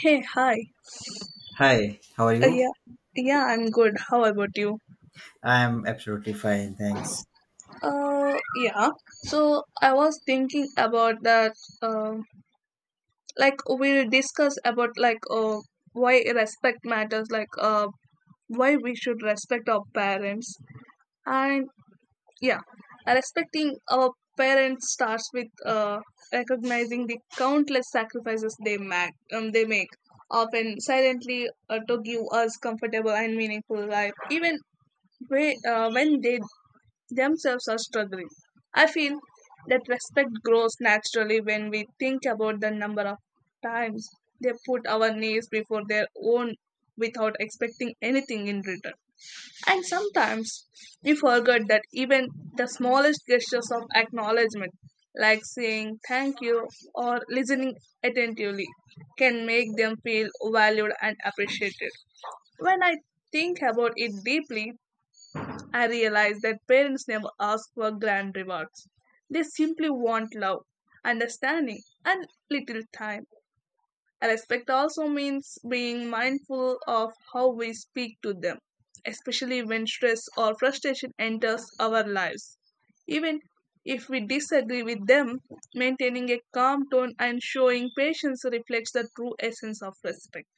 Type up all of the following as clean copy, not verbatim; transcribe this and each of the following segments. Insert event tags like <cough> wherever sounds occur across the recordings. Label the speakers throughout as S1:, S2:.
S1: Hey, hi.
S2: Hi, how are
S1: Uh,
S2: you?
S1: yeah, yeah, I'm good. How about you?
S2: I'm absolutely fine, thanks.
S1: Uh, yeah. So I was thinking about that. Uh, like we'll discuss about why respect matters. Why we should respect our parents. And yeah, Respecting our parents starts with recognizing the countless sacrifices they make. They make often silently to give us comfortable and meaningful life even way, when they themselves are struggling. I feel that respect grows naturally when we think about the number of times they put our needs before their own without expecting anything in return. And sometimes we forget that even the smallest gestures of acknowledgement, like saying thank you or listening attentively, can make them feel valued and appreciated. When I think about it deeply, I realize that parents never ask for grand rewards. They simply want love, understanding, and little time. Respect also means being mindful of how we speak to them, especially when stress or frustration enters our lives. Even if we disagree with them, maintaining a calm tone and showing patience reflects the true essence of respect.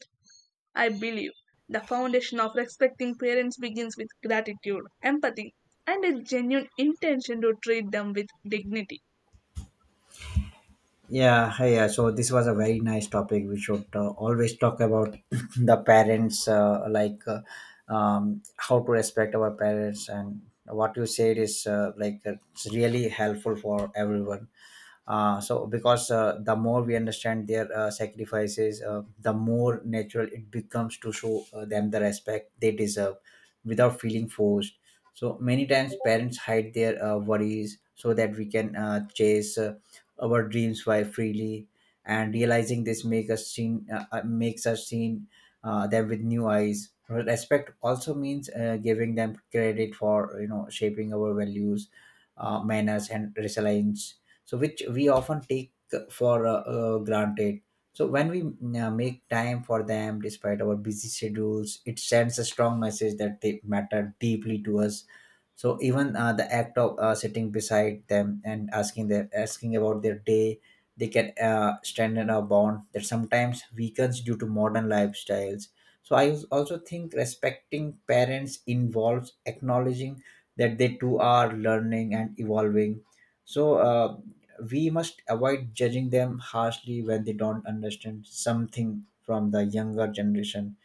S1: I believe the foundation of respecting parents begins with gratitude, empathy, and a genuine intention to treat them with dignity.
S2: Yeah, hi. Yeah, so this was a very nice topic. We should always talk about <laughs> <clears throat> the parents, like how to respect our parents, and what you said is, like, it's really helpful for everyone. So because the more we understand their sacrifices, the more natural it becomes to show them the respect they deserve without feeling forced. So many times parents hide their worries so that we can chase our dreams by freely, and realizing this makes us seen them with new eyes. Respect also means giving them credit for shaping our values, manners and resilience, so which we often take for granted. So when we make time for them despite our busy schedules, it sends a strong message that they matter deeply to us. So even the act of sitting beside them and asking about their day, they can strengthen a bond that sometimes weakens due to modern lifestyles. So I also think respecting parents involves acknowledging that they too are learning and evolving. So we must avoid judging them harshly when they don't understand something from the younger generation.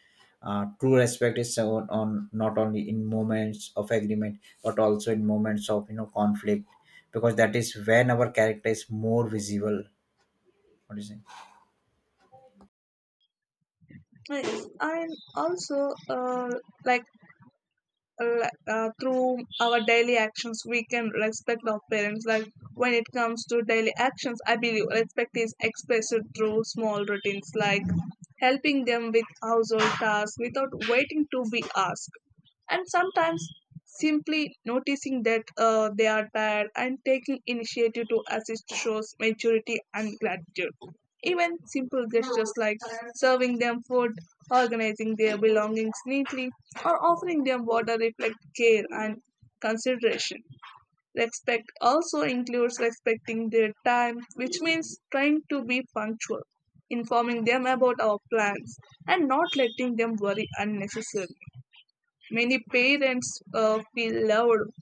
S2: True respect is shown on not only in moments of agreement but also in moments of conflict, because that is when our character is more visible. What do you think?
S1: Yes, and also, uh, like through our daily actions, we can respect our parents. Like when it comes to daily actions, I believe respect is expressed through small routines, like helping them with household tasks without waiting to be asked, and sometimes simply noticing that they are tired and taking initiative to assist shows maturity and gratitude. Even simple gestures like serving them food, organizing their belongings neatly, or offering them water reflect care and consideration. Respect also includes respecting their time, which means trying to be punctual, informing them about our plans, and not letting them worry unnecessarily. Many parents feel loved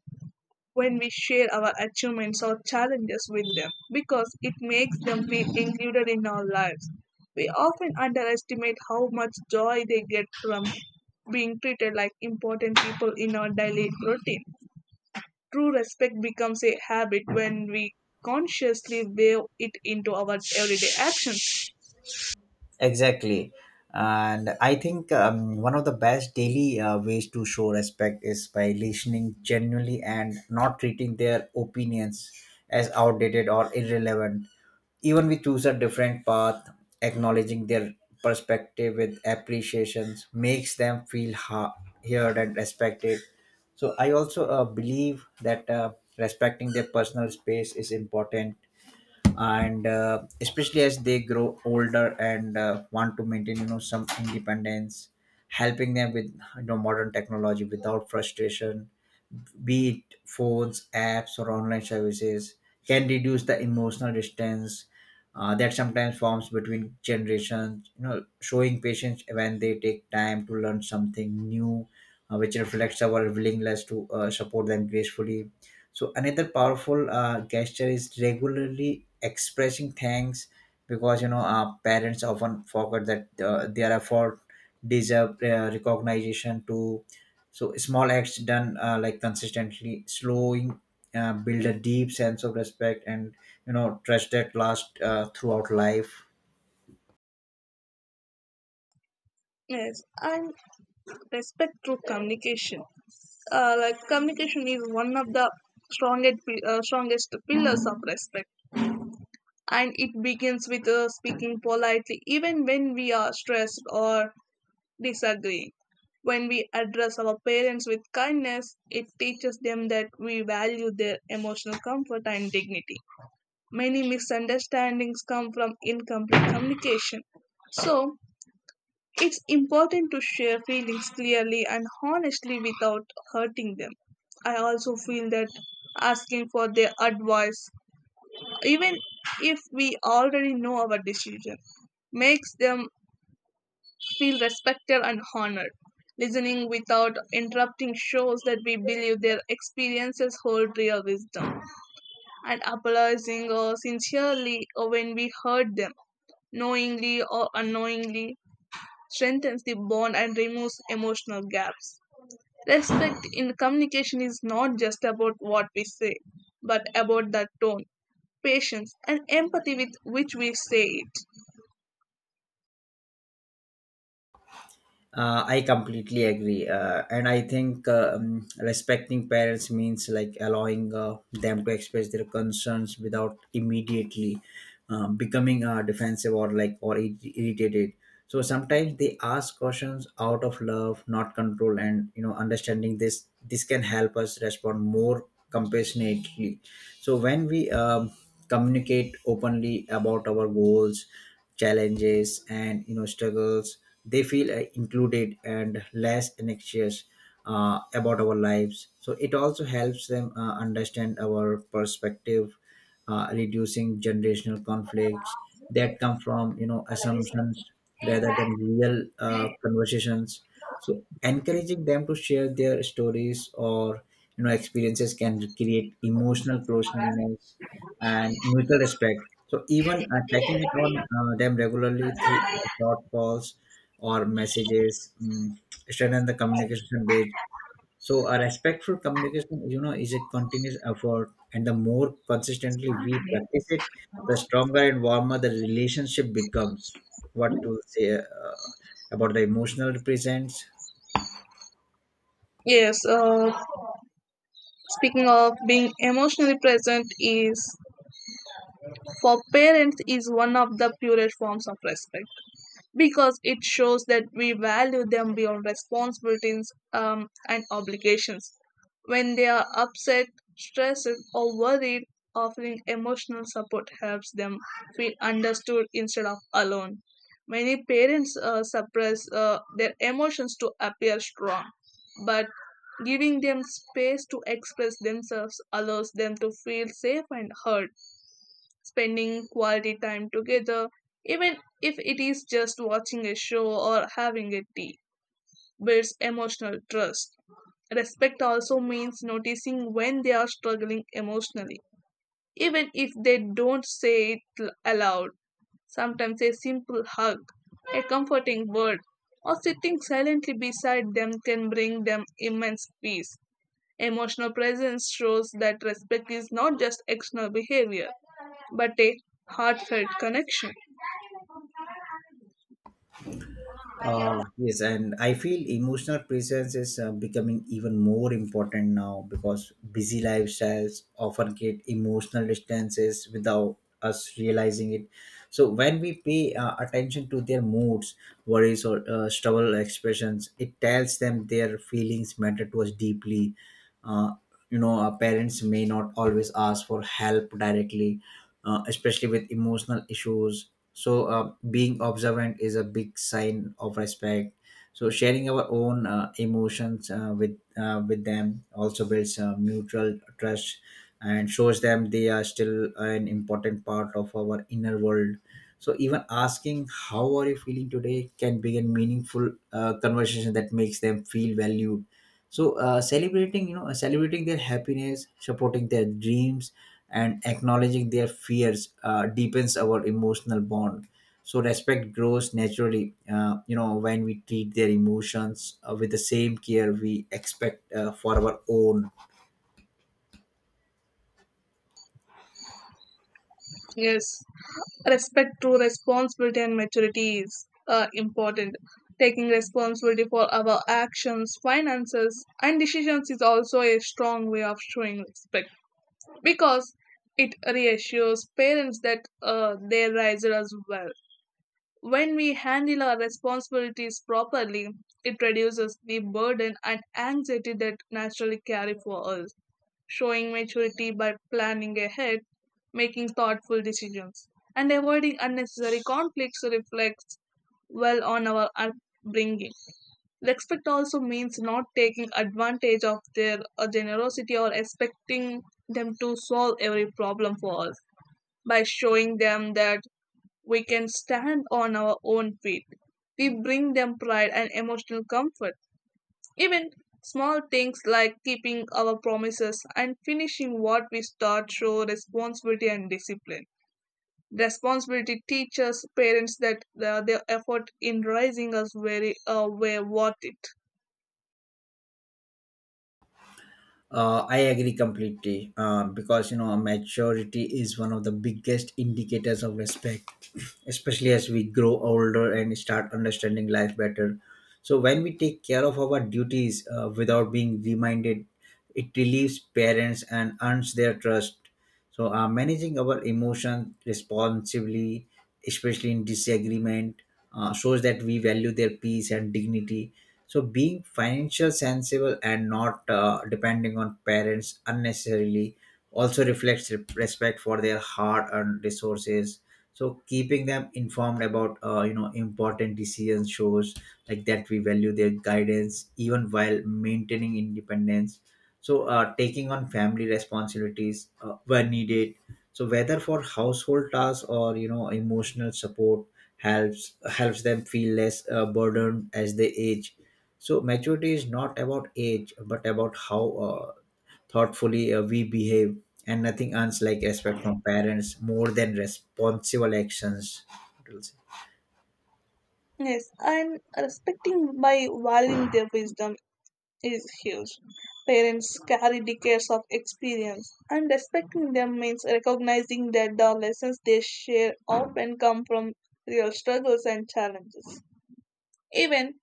S1: when we share our achievements or challenges with them because it makes them feel included in our lives. We often underestimate how much joy they get from being treated like important people in our daily routine. True respect becomes a habit when we consciously weave it into our everyday actions.
S2: Exactly. And I think one of the best daily ways to show respect is by listening genuinely and not treating their opinions as outdated or irrelevant. Even we choose a different path, acknowledging their perspective with appreciations makes them feel heard and respected. So I also believe that, respecting their personal space is important, and especially as they grow older and want to maintain some independence, helping them with modern technology without frustration, be it phones, apps, or online services, can reduce the emotional distance that sometimes forms between generations, showing patience when they take time to learn something new, which reflects our willingness to support them gracefully. So another powerful gesture is regularly expressing thanks, because parents often forget that their effort deserve recognition too. So small acts done, like consistently, slowing, build a deep sense of respect and trust that last throughout life.
S1: Yes, and respect through communication. Like communication is one of the strongest pillars of respect, and it begins with speaking politely, even when we are stressed or disagreeing. When we address our parents with kindness, it teaches them that we value their emotional comfort and dignity. Many misunderstandings come from incomplete communication. So, it's important to share feelings clearly and honestly without hurting them. I also feel that asking for their advice, even if we already know our decision, makes them feel respected and honored. Listening without interrupting shows that we believe their experiences hold real wisdom, and apologizing or sincerely when we hurt them knowingly or unknowingly strengthens the bond and removes emotional gaps. Respect in communication is not just about what we say, but about the tone, patience, and empathy with which we say it.
S2: I completely agree, and I think respecting parents means like allowing them to express their concerns without immediately becoming defensive or like or irritated. So sometimes they ask questions out of love, not control, and understanding this can help us respond more compassionately. So when we communicate openly about our goals, challenges, and struggles, they feel included and less anxious about our lives, so it also helps them understand our perspective, reducing generational conflicts that come from assumptions rather than real conversations. So encouraging them to share their stories or experiences can create emotional closeness and mutual respect. So even checking it on them regularly through short calls or messages, strengthen the communication bridge. So a respectful communication, is a continuous effort, and the more consistently we practice it, the stronger and warmer the relationship becomes. What to say about the emotional presence?
S1: Yes, speaking of being emotionally present is for parents is one of the purest forms of respect, because it shows that we value them beyond responsibilities and obligations. When they are upset, stressed, or worried, offering emotional support helps them feel understood instead of alone. Many parents suppress their emotions to appear strong, but giving them space to express themselves allows them to feel safe and heard, spending quality time together, even if it is just watching a show or having a tea, builds emotional trust. Respect also means noticing when they are struggling emotionally, even if they don't say aloud. Sometimes a simple hug, a comforting word, or sitting silently beside them can bring them immense peace. Emotional presence shows that respect is not just external behavior, but a heartfelt connection.
S2: Yes, and I feel emotional presence is becoming even more important now, because busy lifestyles often create emotional distances without us realizing it. So, when we pay attention to their moods, worries, or struggle expressions, it tells them their feelings matter to us deeply. Uh, our parents may not always ask for help directly, especially with emotional issues, so being observant is a big sign of respect. So sharing our own emotions with them also builds mutual trust and shows them they are still an important part of our inner world. So even asking how are you feeling today can be a meaningful conversation that makes them feel valued. So celebrating you know celebrating their happiness, supporting their dreams, and acknowledging their fears deepens our emotional bond. So respect grows naturally when we treat their emotions with the same care we expect for our own.
S1: Yes, respect to responsibility and maturity is important. Taking responsibility for our actions, finances, and decisions is also a strong way of showing respect, because it reassures parents that they raised us well. When we handle our responsibilities properly, it reduces the burden and anxiety that naturally carry for us, showing maturity by planning ahead, making thoughtful decisions, and avoiding unnecessary conflicts reflects well on our upbringing. Respect also means not taking advantage of their generosity or expecting them to solve every problem for us. By showing them that we can stand on our own feet. We bring them pride and emotional comfort. Even small things like keeping our promises and finishing what we start show responsibility and discipline. Responsibility teaches parents that their effort in raising us very were worth it.
S2: I agree completely, because maturity is one of the biggest indicators of respect, <clears throat> especially as we grow older and start understanding life better. So when we take care of our duties without being reminded, it relieves parents and earns their trust. So managing our emotions responsibly, especially in disagreement, shows that we value their peace and dignity. So being financial sensible and not depending on parents unnecessarily also reflects respect for their hard earned resources. So keeping them informed about important decisions shows like that we value their guidance even while maintaining independence. So taking on family responsibilities where needed, so whether for household tasks or emotional support, helps them feel less burdened as they age. So maturity is not about age but about how thoughtfully we behave, and nothing earns like respect from parents more than responsible actions. What else?
S1: Yes, and respecting by valuing their wisdom is huge. Parents carry decades of experience, and respecting them means recognizing that the lessons they share often come from real struggles and challenges. Even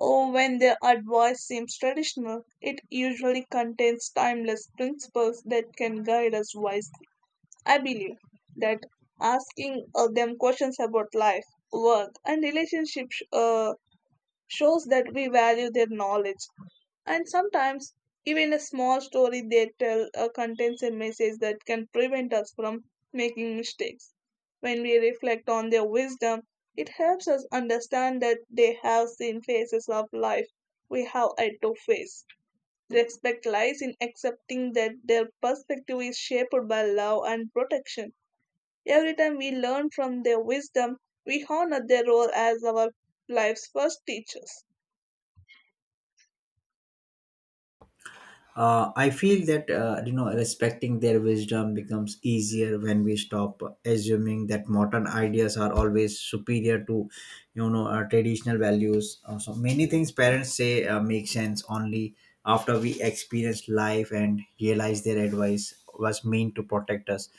S1: oh, when their advice seems traditional, it usually contains timeless principles that can guide us wisely. I believe that asking them questions about life, work, and relationships shows that we value their knowledge. And sometimes, even a small story they tell contains a message that can prevent us from making mistakes. When we reflect on their wisdom, it helps us understand that they have seen phases of life we have had to face. Respect lies in accepting that their perspective is shaped by love and protection. Every time we learn from their wisdom, we honor their role as our life's first teachers.
S2: I feel that respecting their wisdom becomes easier when we stop assuming that modern ideas are always superior to traditional values. So many things parents say make sense only after we experience life and realize their advice was meant to protect us.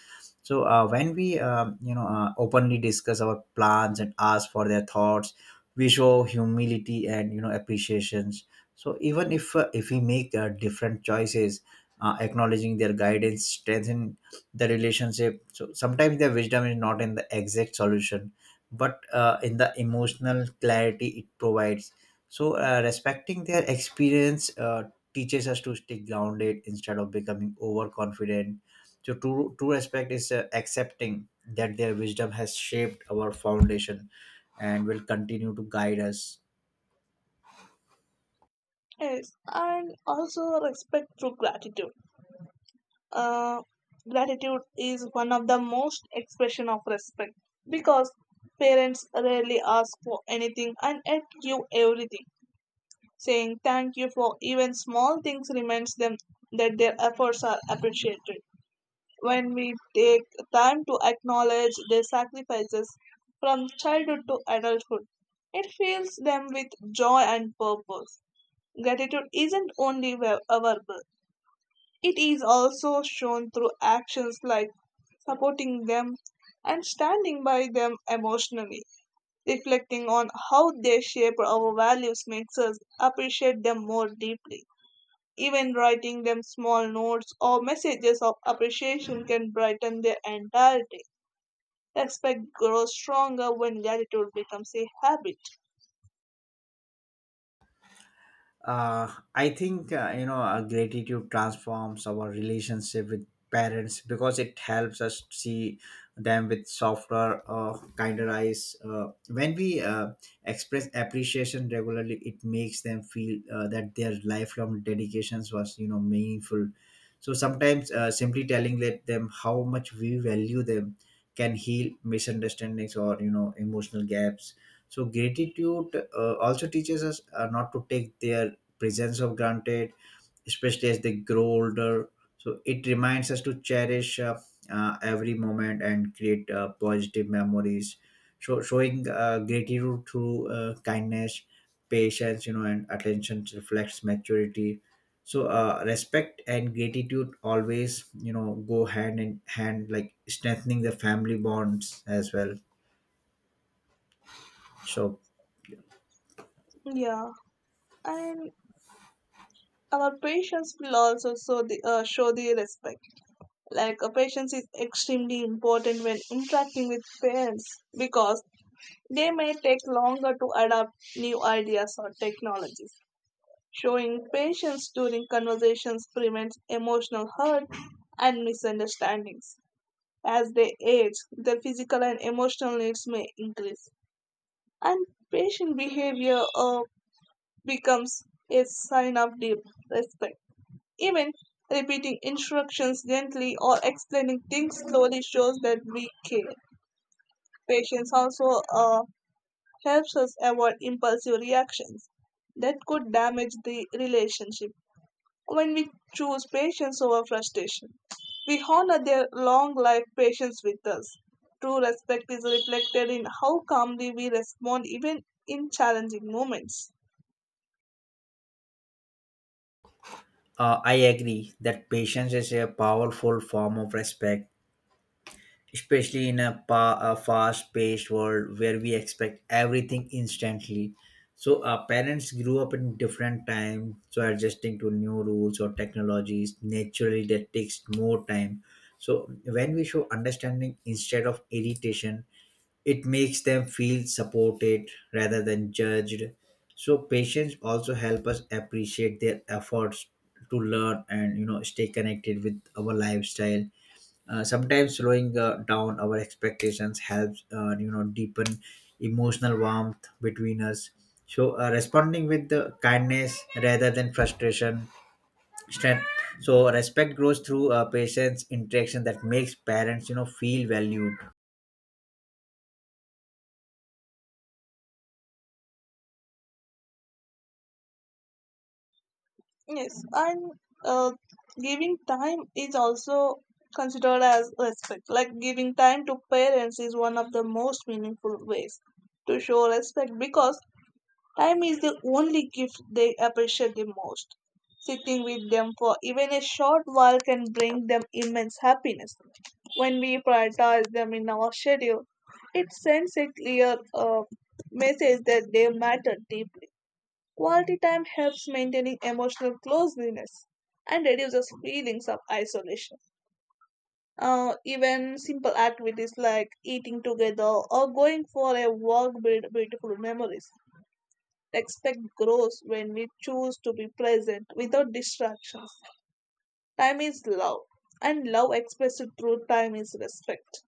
S2: So when we openly discuss our plans and ask for their thoughts, we show humility and appreciations, so even if we make different choices, acknowledging their guidance strengthen the relationship. So sometimes their wisdom is not in the exact solution, but in the emotional clarity it provides. So respecting their experience teaches us to stay grounded instead of becoming overconfident. So true respect is accepting that their wisdom has shaped our foundation and will continue to guide us.
S1: Yes, and also respect through gratitude. Uh, Gratitude is one of the most expression of respect because parents rarely ask for anything and yet give everything. Saying thank you for even small things reminds them that their efforts are appreciated when we take time to acknowledge their sacrifices from childhood to adulthood. It fills them with joy and purpose. Gratitude isn't only verbal, it is also shown through actions like supporting them and standing by them emotionally. Reflecting on how they shape our values makes us appreciate them more deeply. Even writing them small notes or messages of appreciation can brighten their entire day. Respect grows stronger when gratitude becomes a habit.
S2: Uh, i think uh, you know uh, gratitude transforms our relationship with parents, because it helps us see them with softer, kinder eyes. When we express appreciation regularly, it makes them feel that their lifelong dedications was meaningful. So sometimes simply telling let them how much we value them can heal misunderstandings or emotional gaps. So gratitude also teaches us not to take their presence of granted, especially as they grow older. So it reminds us to cherish every moment and create positive memories. So showing gratitude through kindness, patience, and attention reflects maturity. So respect and gratitude always, go hand in hand, like strengthening the family bonds as well. So
S1: Yeah, and our patience will also show the respect. Like, patience is extremely important when interacting with parents because they may take longer to adapt new ideas or technologies. Showing patience during conversations prevents emotional hurt and misunderstandings. As they age, their physical and emotional needs may increase, and patient behavior becomes a sign of deep respect. Even repeating instructions gently or explaining things slowly shows that we care. Patience also helps us avoid impulsive reactions that could damage the relationship. When we choose patience over frustration. We honor their long life patience with us. True respect is reflected in how calmly we respond even in challenging moments.
S2: I agree that patience is a powerful form of respect, especially in a fast-paced world where we expect everything instantly. So our parents grew up in different times, so adjusting to new rules or technologies naturally that takes more time. So when we show understanding instead of irritation, it makes them feel supported rather than judged. So patience also help us appreciate their efforts to learn and stay connected with our lifestyle. Sometimes slowing down our expectations helps deepen emotional warmth between us. So responding with the kindness rather than frustration strength. So respect grows through patience interaction that makes parents feel valued.
S1: Yes, and uh, giving time is also considered as respect. Like giving time to parents is one of the most meaningful ways to show respect because time is the only gift they appreciate the most. Sitting with them for even a short while can bring them immense happiness. When we prioritize them in our schedule, it sends a clear message that they matter deeply. Quality time helps maintaining emotional closeness and reduces feelings of isolation. Even simple activities like eating together or going for a walk build beautiful memories. Expect growth when we choose to be present without distractions. Time is love, and love expressed through time is respect.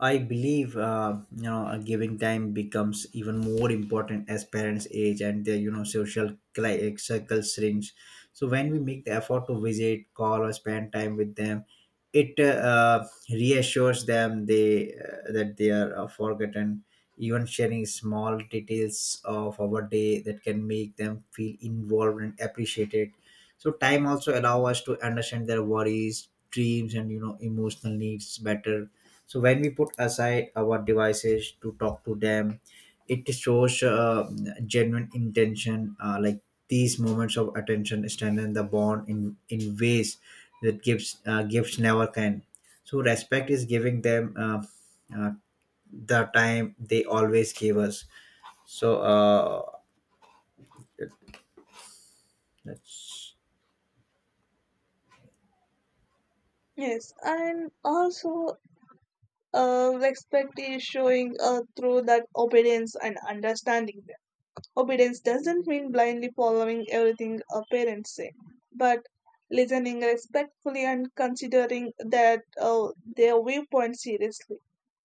S2: I believe giving time becomes even more important as parents age and their social circle shrinks. So when we make the effort to visit, call, or spend time with them, it reassures them they that they are forgotten. Even sharing small details of our day that can make them feel involved and appreciated. So time also allow us to understand their worries, dreams, and emotional needs better. So when we put aside our devices to talk to them, it shows genuine intention, like these moments of attention strengthen the bond in ways that gifts never can. So respect is giving them uh, the time they always gave us. So that's...
S1: Yes, and also respect is showing through that obedience and understanding them. Obedience doesn't mean blindly following everything our parents say, but listening respectfully and considering that their viewpoint seriously.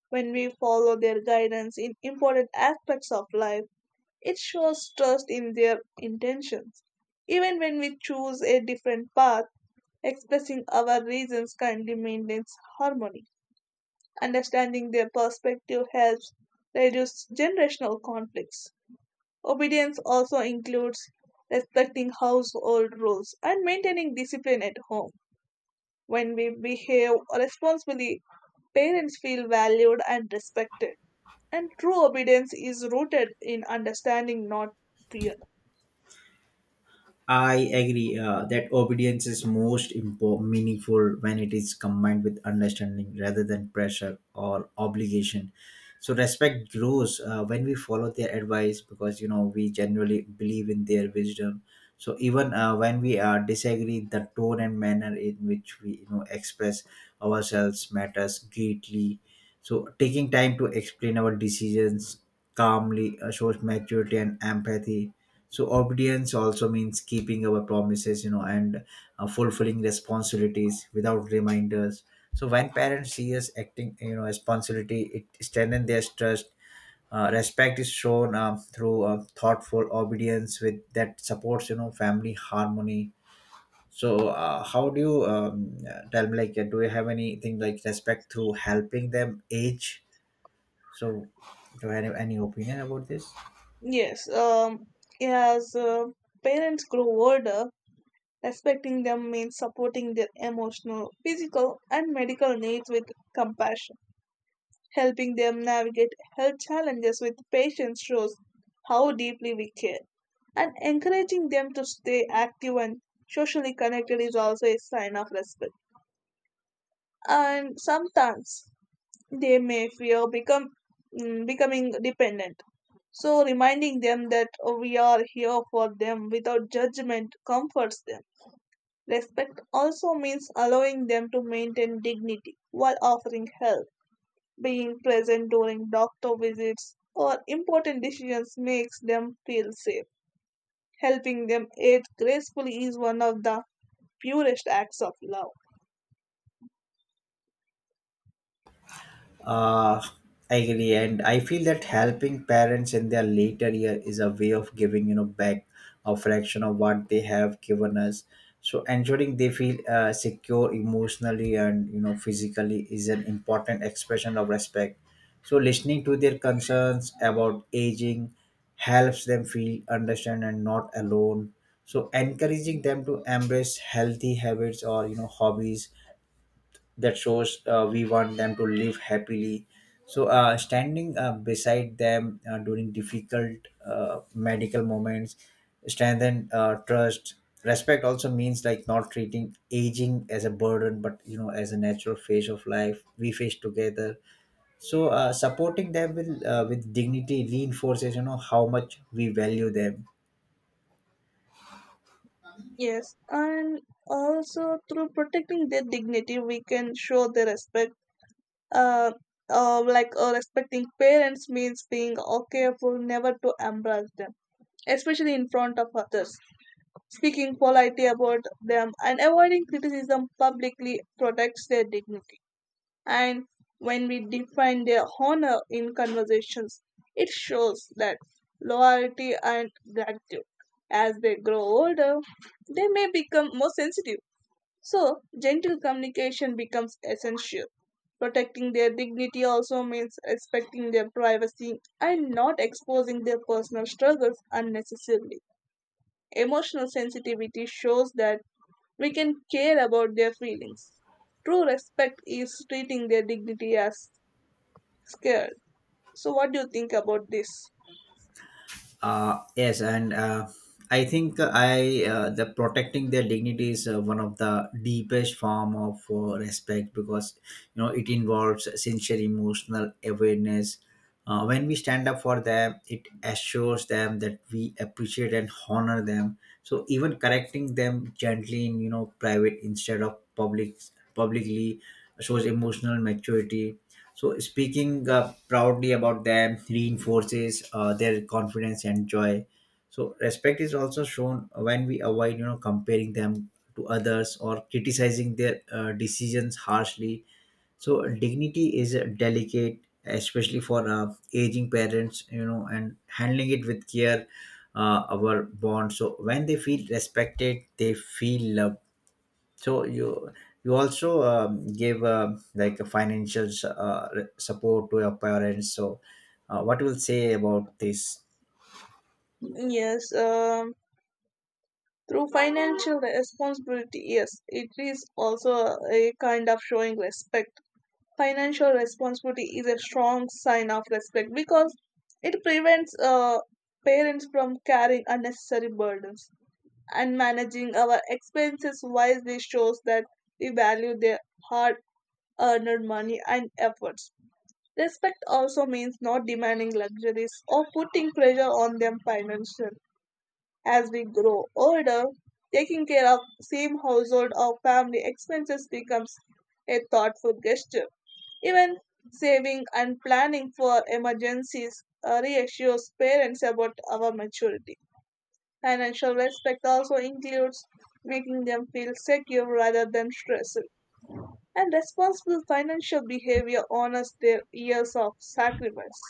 S1: When we follow their guidance in important aspects of life, it shows trust in their intentions. Even when we choose a different path, expressing our reasons kindly maintains harmony. Understanding their perspective helps reduce generational conflicts. Obedience also includes respecting household rules and maintaining discipline at home. When we behave responsibly, parents feel valued and respected. And true obedience is rooted in understanding, not fear.
S2: I agree that obedience is most meaningful when it is combined with understanding rather than pressure or obligation. So respect grows when we follow their advice, because we generally believe in their wisdom. So even when we disagree, the tone and manner in which we express ourselves matters greatly. So taking time to explain our decisions calmly shows maturity and empathy. So obedience also means keeping our promises and fulfilling responsibilities without reminders. So when parents see us acting responsibility, it strengthens their trust. Respect is shown through thoughtful obedience with that supports family harmony. So how do you tell me, like do you have anything like respect through helping them age, so do you have any opinion about this?
S1: Yes, um, as parents grow older, respecting them means supporting their emotional, physical, and medical needs with compassion. Helping them navigate health challenges with patience shows how deeply we care. And encouraging them to stay active and socially connected is also a sign of respect. And sometimes they may fear becoming dependent, so reminding them that we are here for them without judgment comforts them. Respect also means allowing them to maintain dignity while offering help, being present during doctor visits or important decisions makes them feel safe. Helping them age gracefully is one of the purest acts of love.
S2: Uh, I agree, and I feel that helping parents in their later year is a way of giving back a fraction of what they have given us. So ensuring they feel secure emotionally and physically is an important expression of respect. So listening to their concerns about aging helps them feel understand and not alone. So encouraging them to embrace healthy habits or hobbies, that shows we want them to live happily. So standing beside them during difficult medical moments strengthen trust. Respect also means, like, not treating aging as a burden but as a natural phase of life we face together. So supporting them with with dignity reinforces how much we value them.
S1: Yes, and also through protecting their dignity, we can show their respect, uh, respecting parents means being careful never to embarrass them, especially in front of others, speaking politely about them and avoiding criticism publicly protects their dignity, and when we define their honor in conversations it shows that loyalty and gratitude. As they grow older they may become more sensitive, so gentle communication becomes essential. Protecting their dignity also means respecting their privacy and not exposing their personal struggles unnecessarily. Emotional sensitivity shows that we can care about their feelings. True respect is treating their dignity as scared. So, what do you think about this?
S2: Yes, and I think I the protecting their dignity is one of the deepest form of respect, because it involves sincere emotional awareness. When we stand up for them, it assures them that we appreciate and honor them. So even correcting them gently in private instead of publicly shows emotional maturity. So speaking proudly about them reinforces their confidence and joy. So respect is also shown when we avoid, comparing them to others or criticizing their decisions harshly. So dignity is delicate, especially for aging parents, and handling it with care. Our bond. So when they feel respected, they feel loved. So you also gave like a financial support to your parents, so what will say about this?
S1: Yes, um, Through financial responsibility, yes, it is also a kind of showing respect. Financial responsibility is a strong sign of respect because it prevents parents from carrying unnecessary burdens, and managing our expenses wisely shows that we value their hard earned money and efforts. Respect also means not demanding luxuries or putting pressure on them financially. As we grow older, taking care of same household or family expenses becomes a thoughtful gesture. Even saving and planning for emergencies reassures parents about our maturity. Financial respect also includes making them feel secure rather than stressed. And responsible financial behavior honors their years of sacrifice.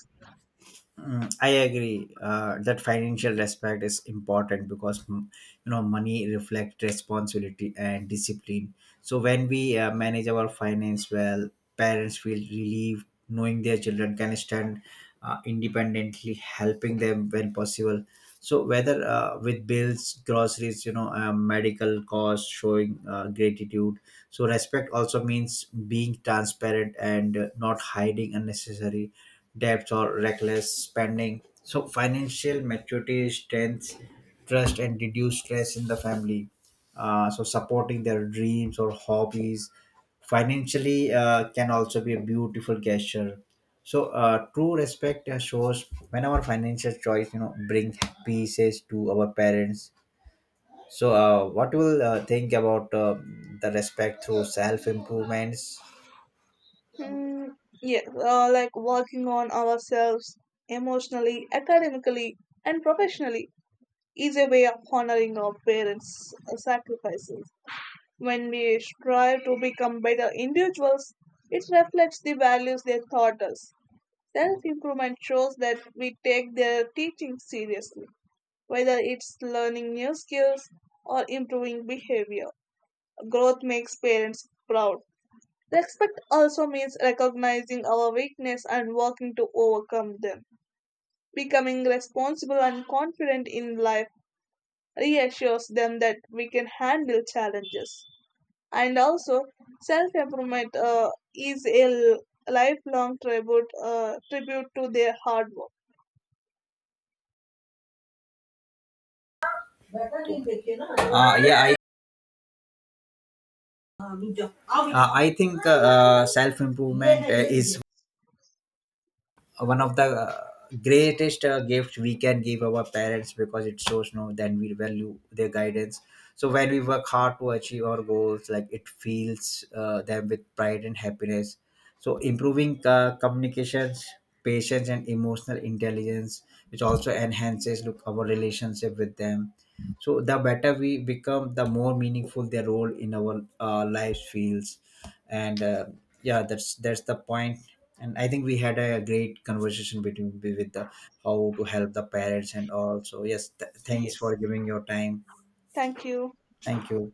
S2: Mm, I agree that financial respect is important because, mm, money reflects responsibility and discipline. So when we manage our finance well, parents feel relieved knowing their children can stand independently, helping them when possible. So whether with bills, groceries, medical costs, showing gratitude. So respect also means being transparent and not hiding unnecessary debts or reckless spending. So financial maturity strengths trust and reduce stress in the family. So supporting their dreams or hobbies financially can also be a beautiful gesture. So true respect shows when our financial choice, bring pieces to our parents. So what you will think about the respect through self improvements?
S1: Mm, yeah, like working on ourselves emotionally, academically, and professionally is a way of honoring our parents' sacrifices. When we strive to become better individuals, it reflects the values they taught us. Self improvement shows that we take their teaching seriously, whether it's learning new skills or improving behavior. Growth makes parents proud. Respect also means recognizing our weakness and working to overcome them. Becoming responsible and confident in life reassures them that we can handle challenges. And also, self improvement is a lifelong tribute to their hard work.
S2: Uh, yeah, I I think self improvement is one of the greatest gifts we can give our parents, because it shows no then we value their guidance. So when we work hard to achieve our goals, like, it fills them with pride and happiness. So improving communications, patience and emotional intelligence, which also enhances look our relationship with them. So the better we become, the more meaningful their role in our lives feels. And yeah, that's the point. And I think we had a great conversation between with the how to help the parents and all. So yes, thanks
S1: Yes.
S2: for giving your time.
S1: Thank you.
S2: Thank you.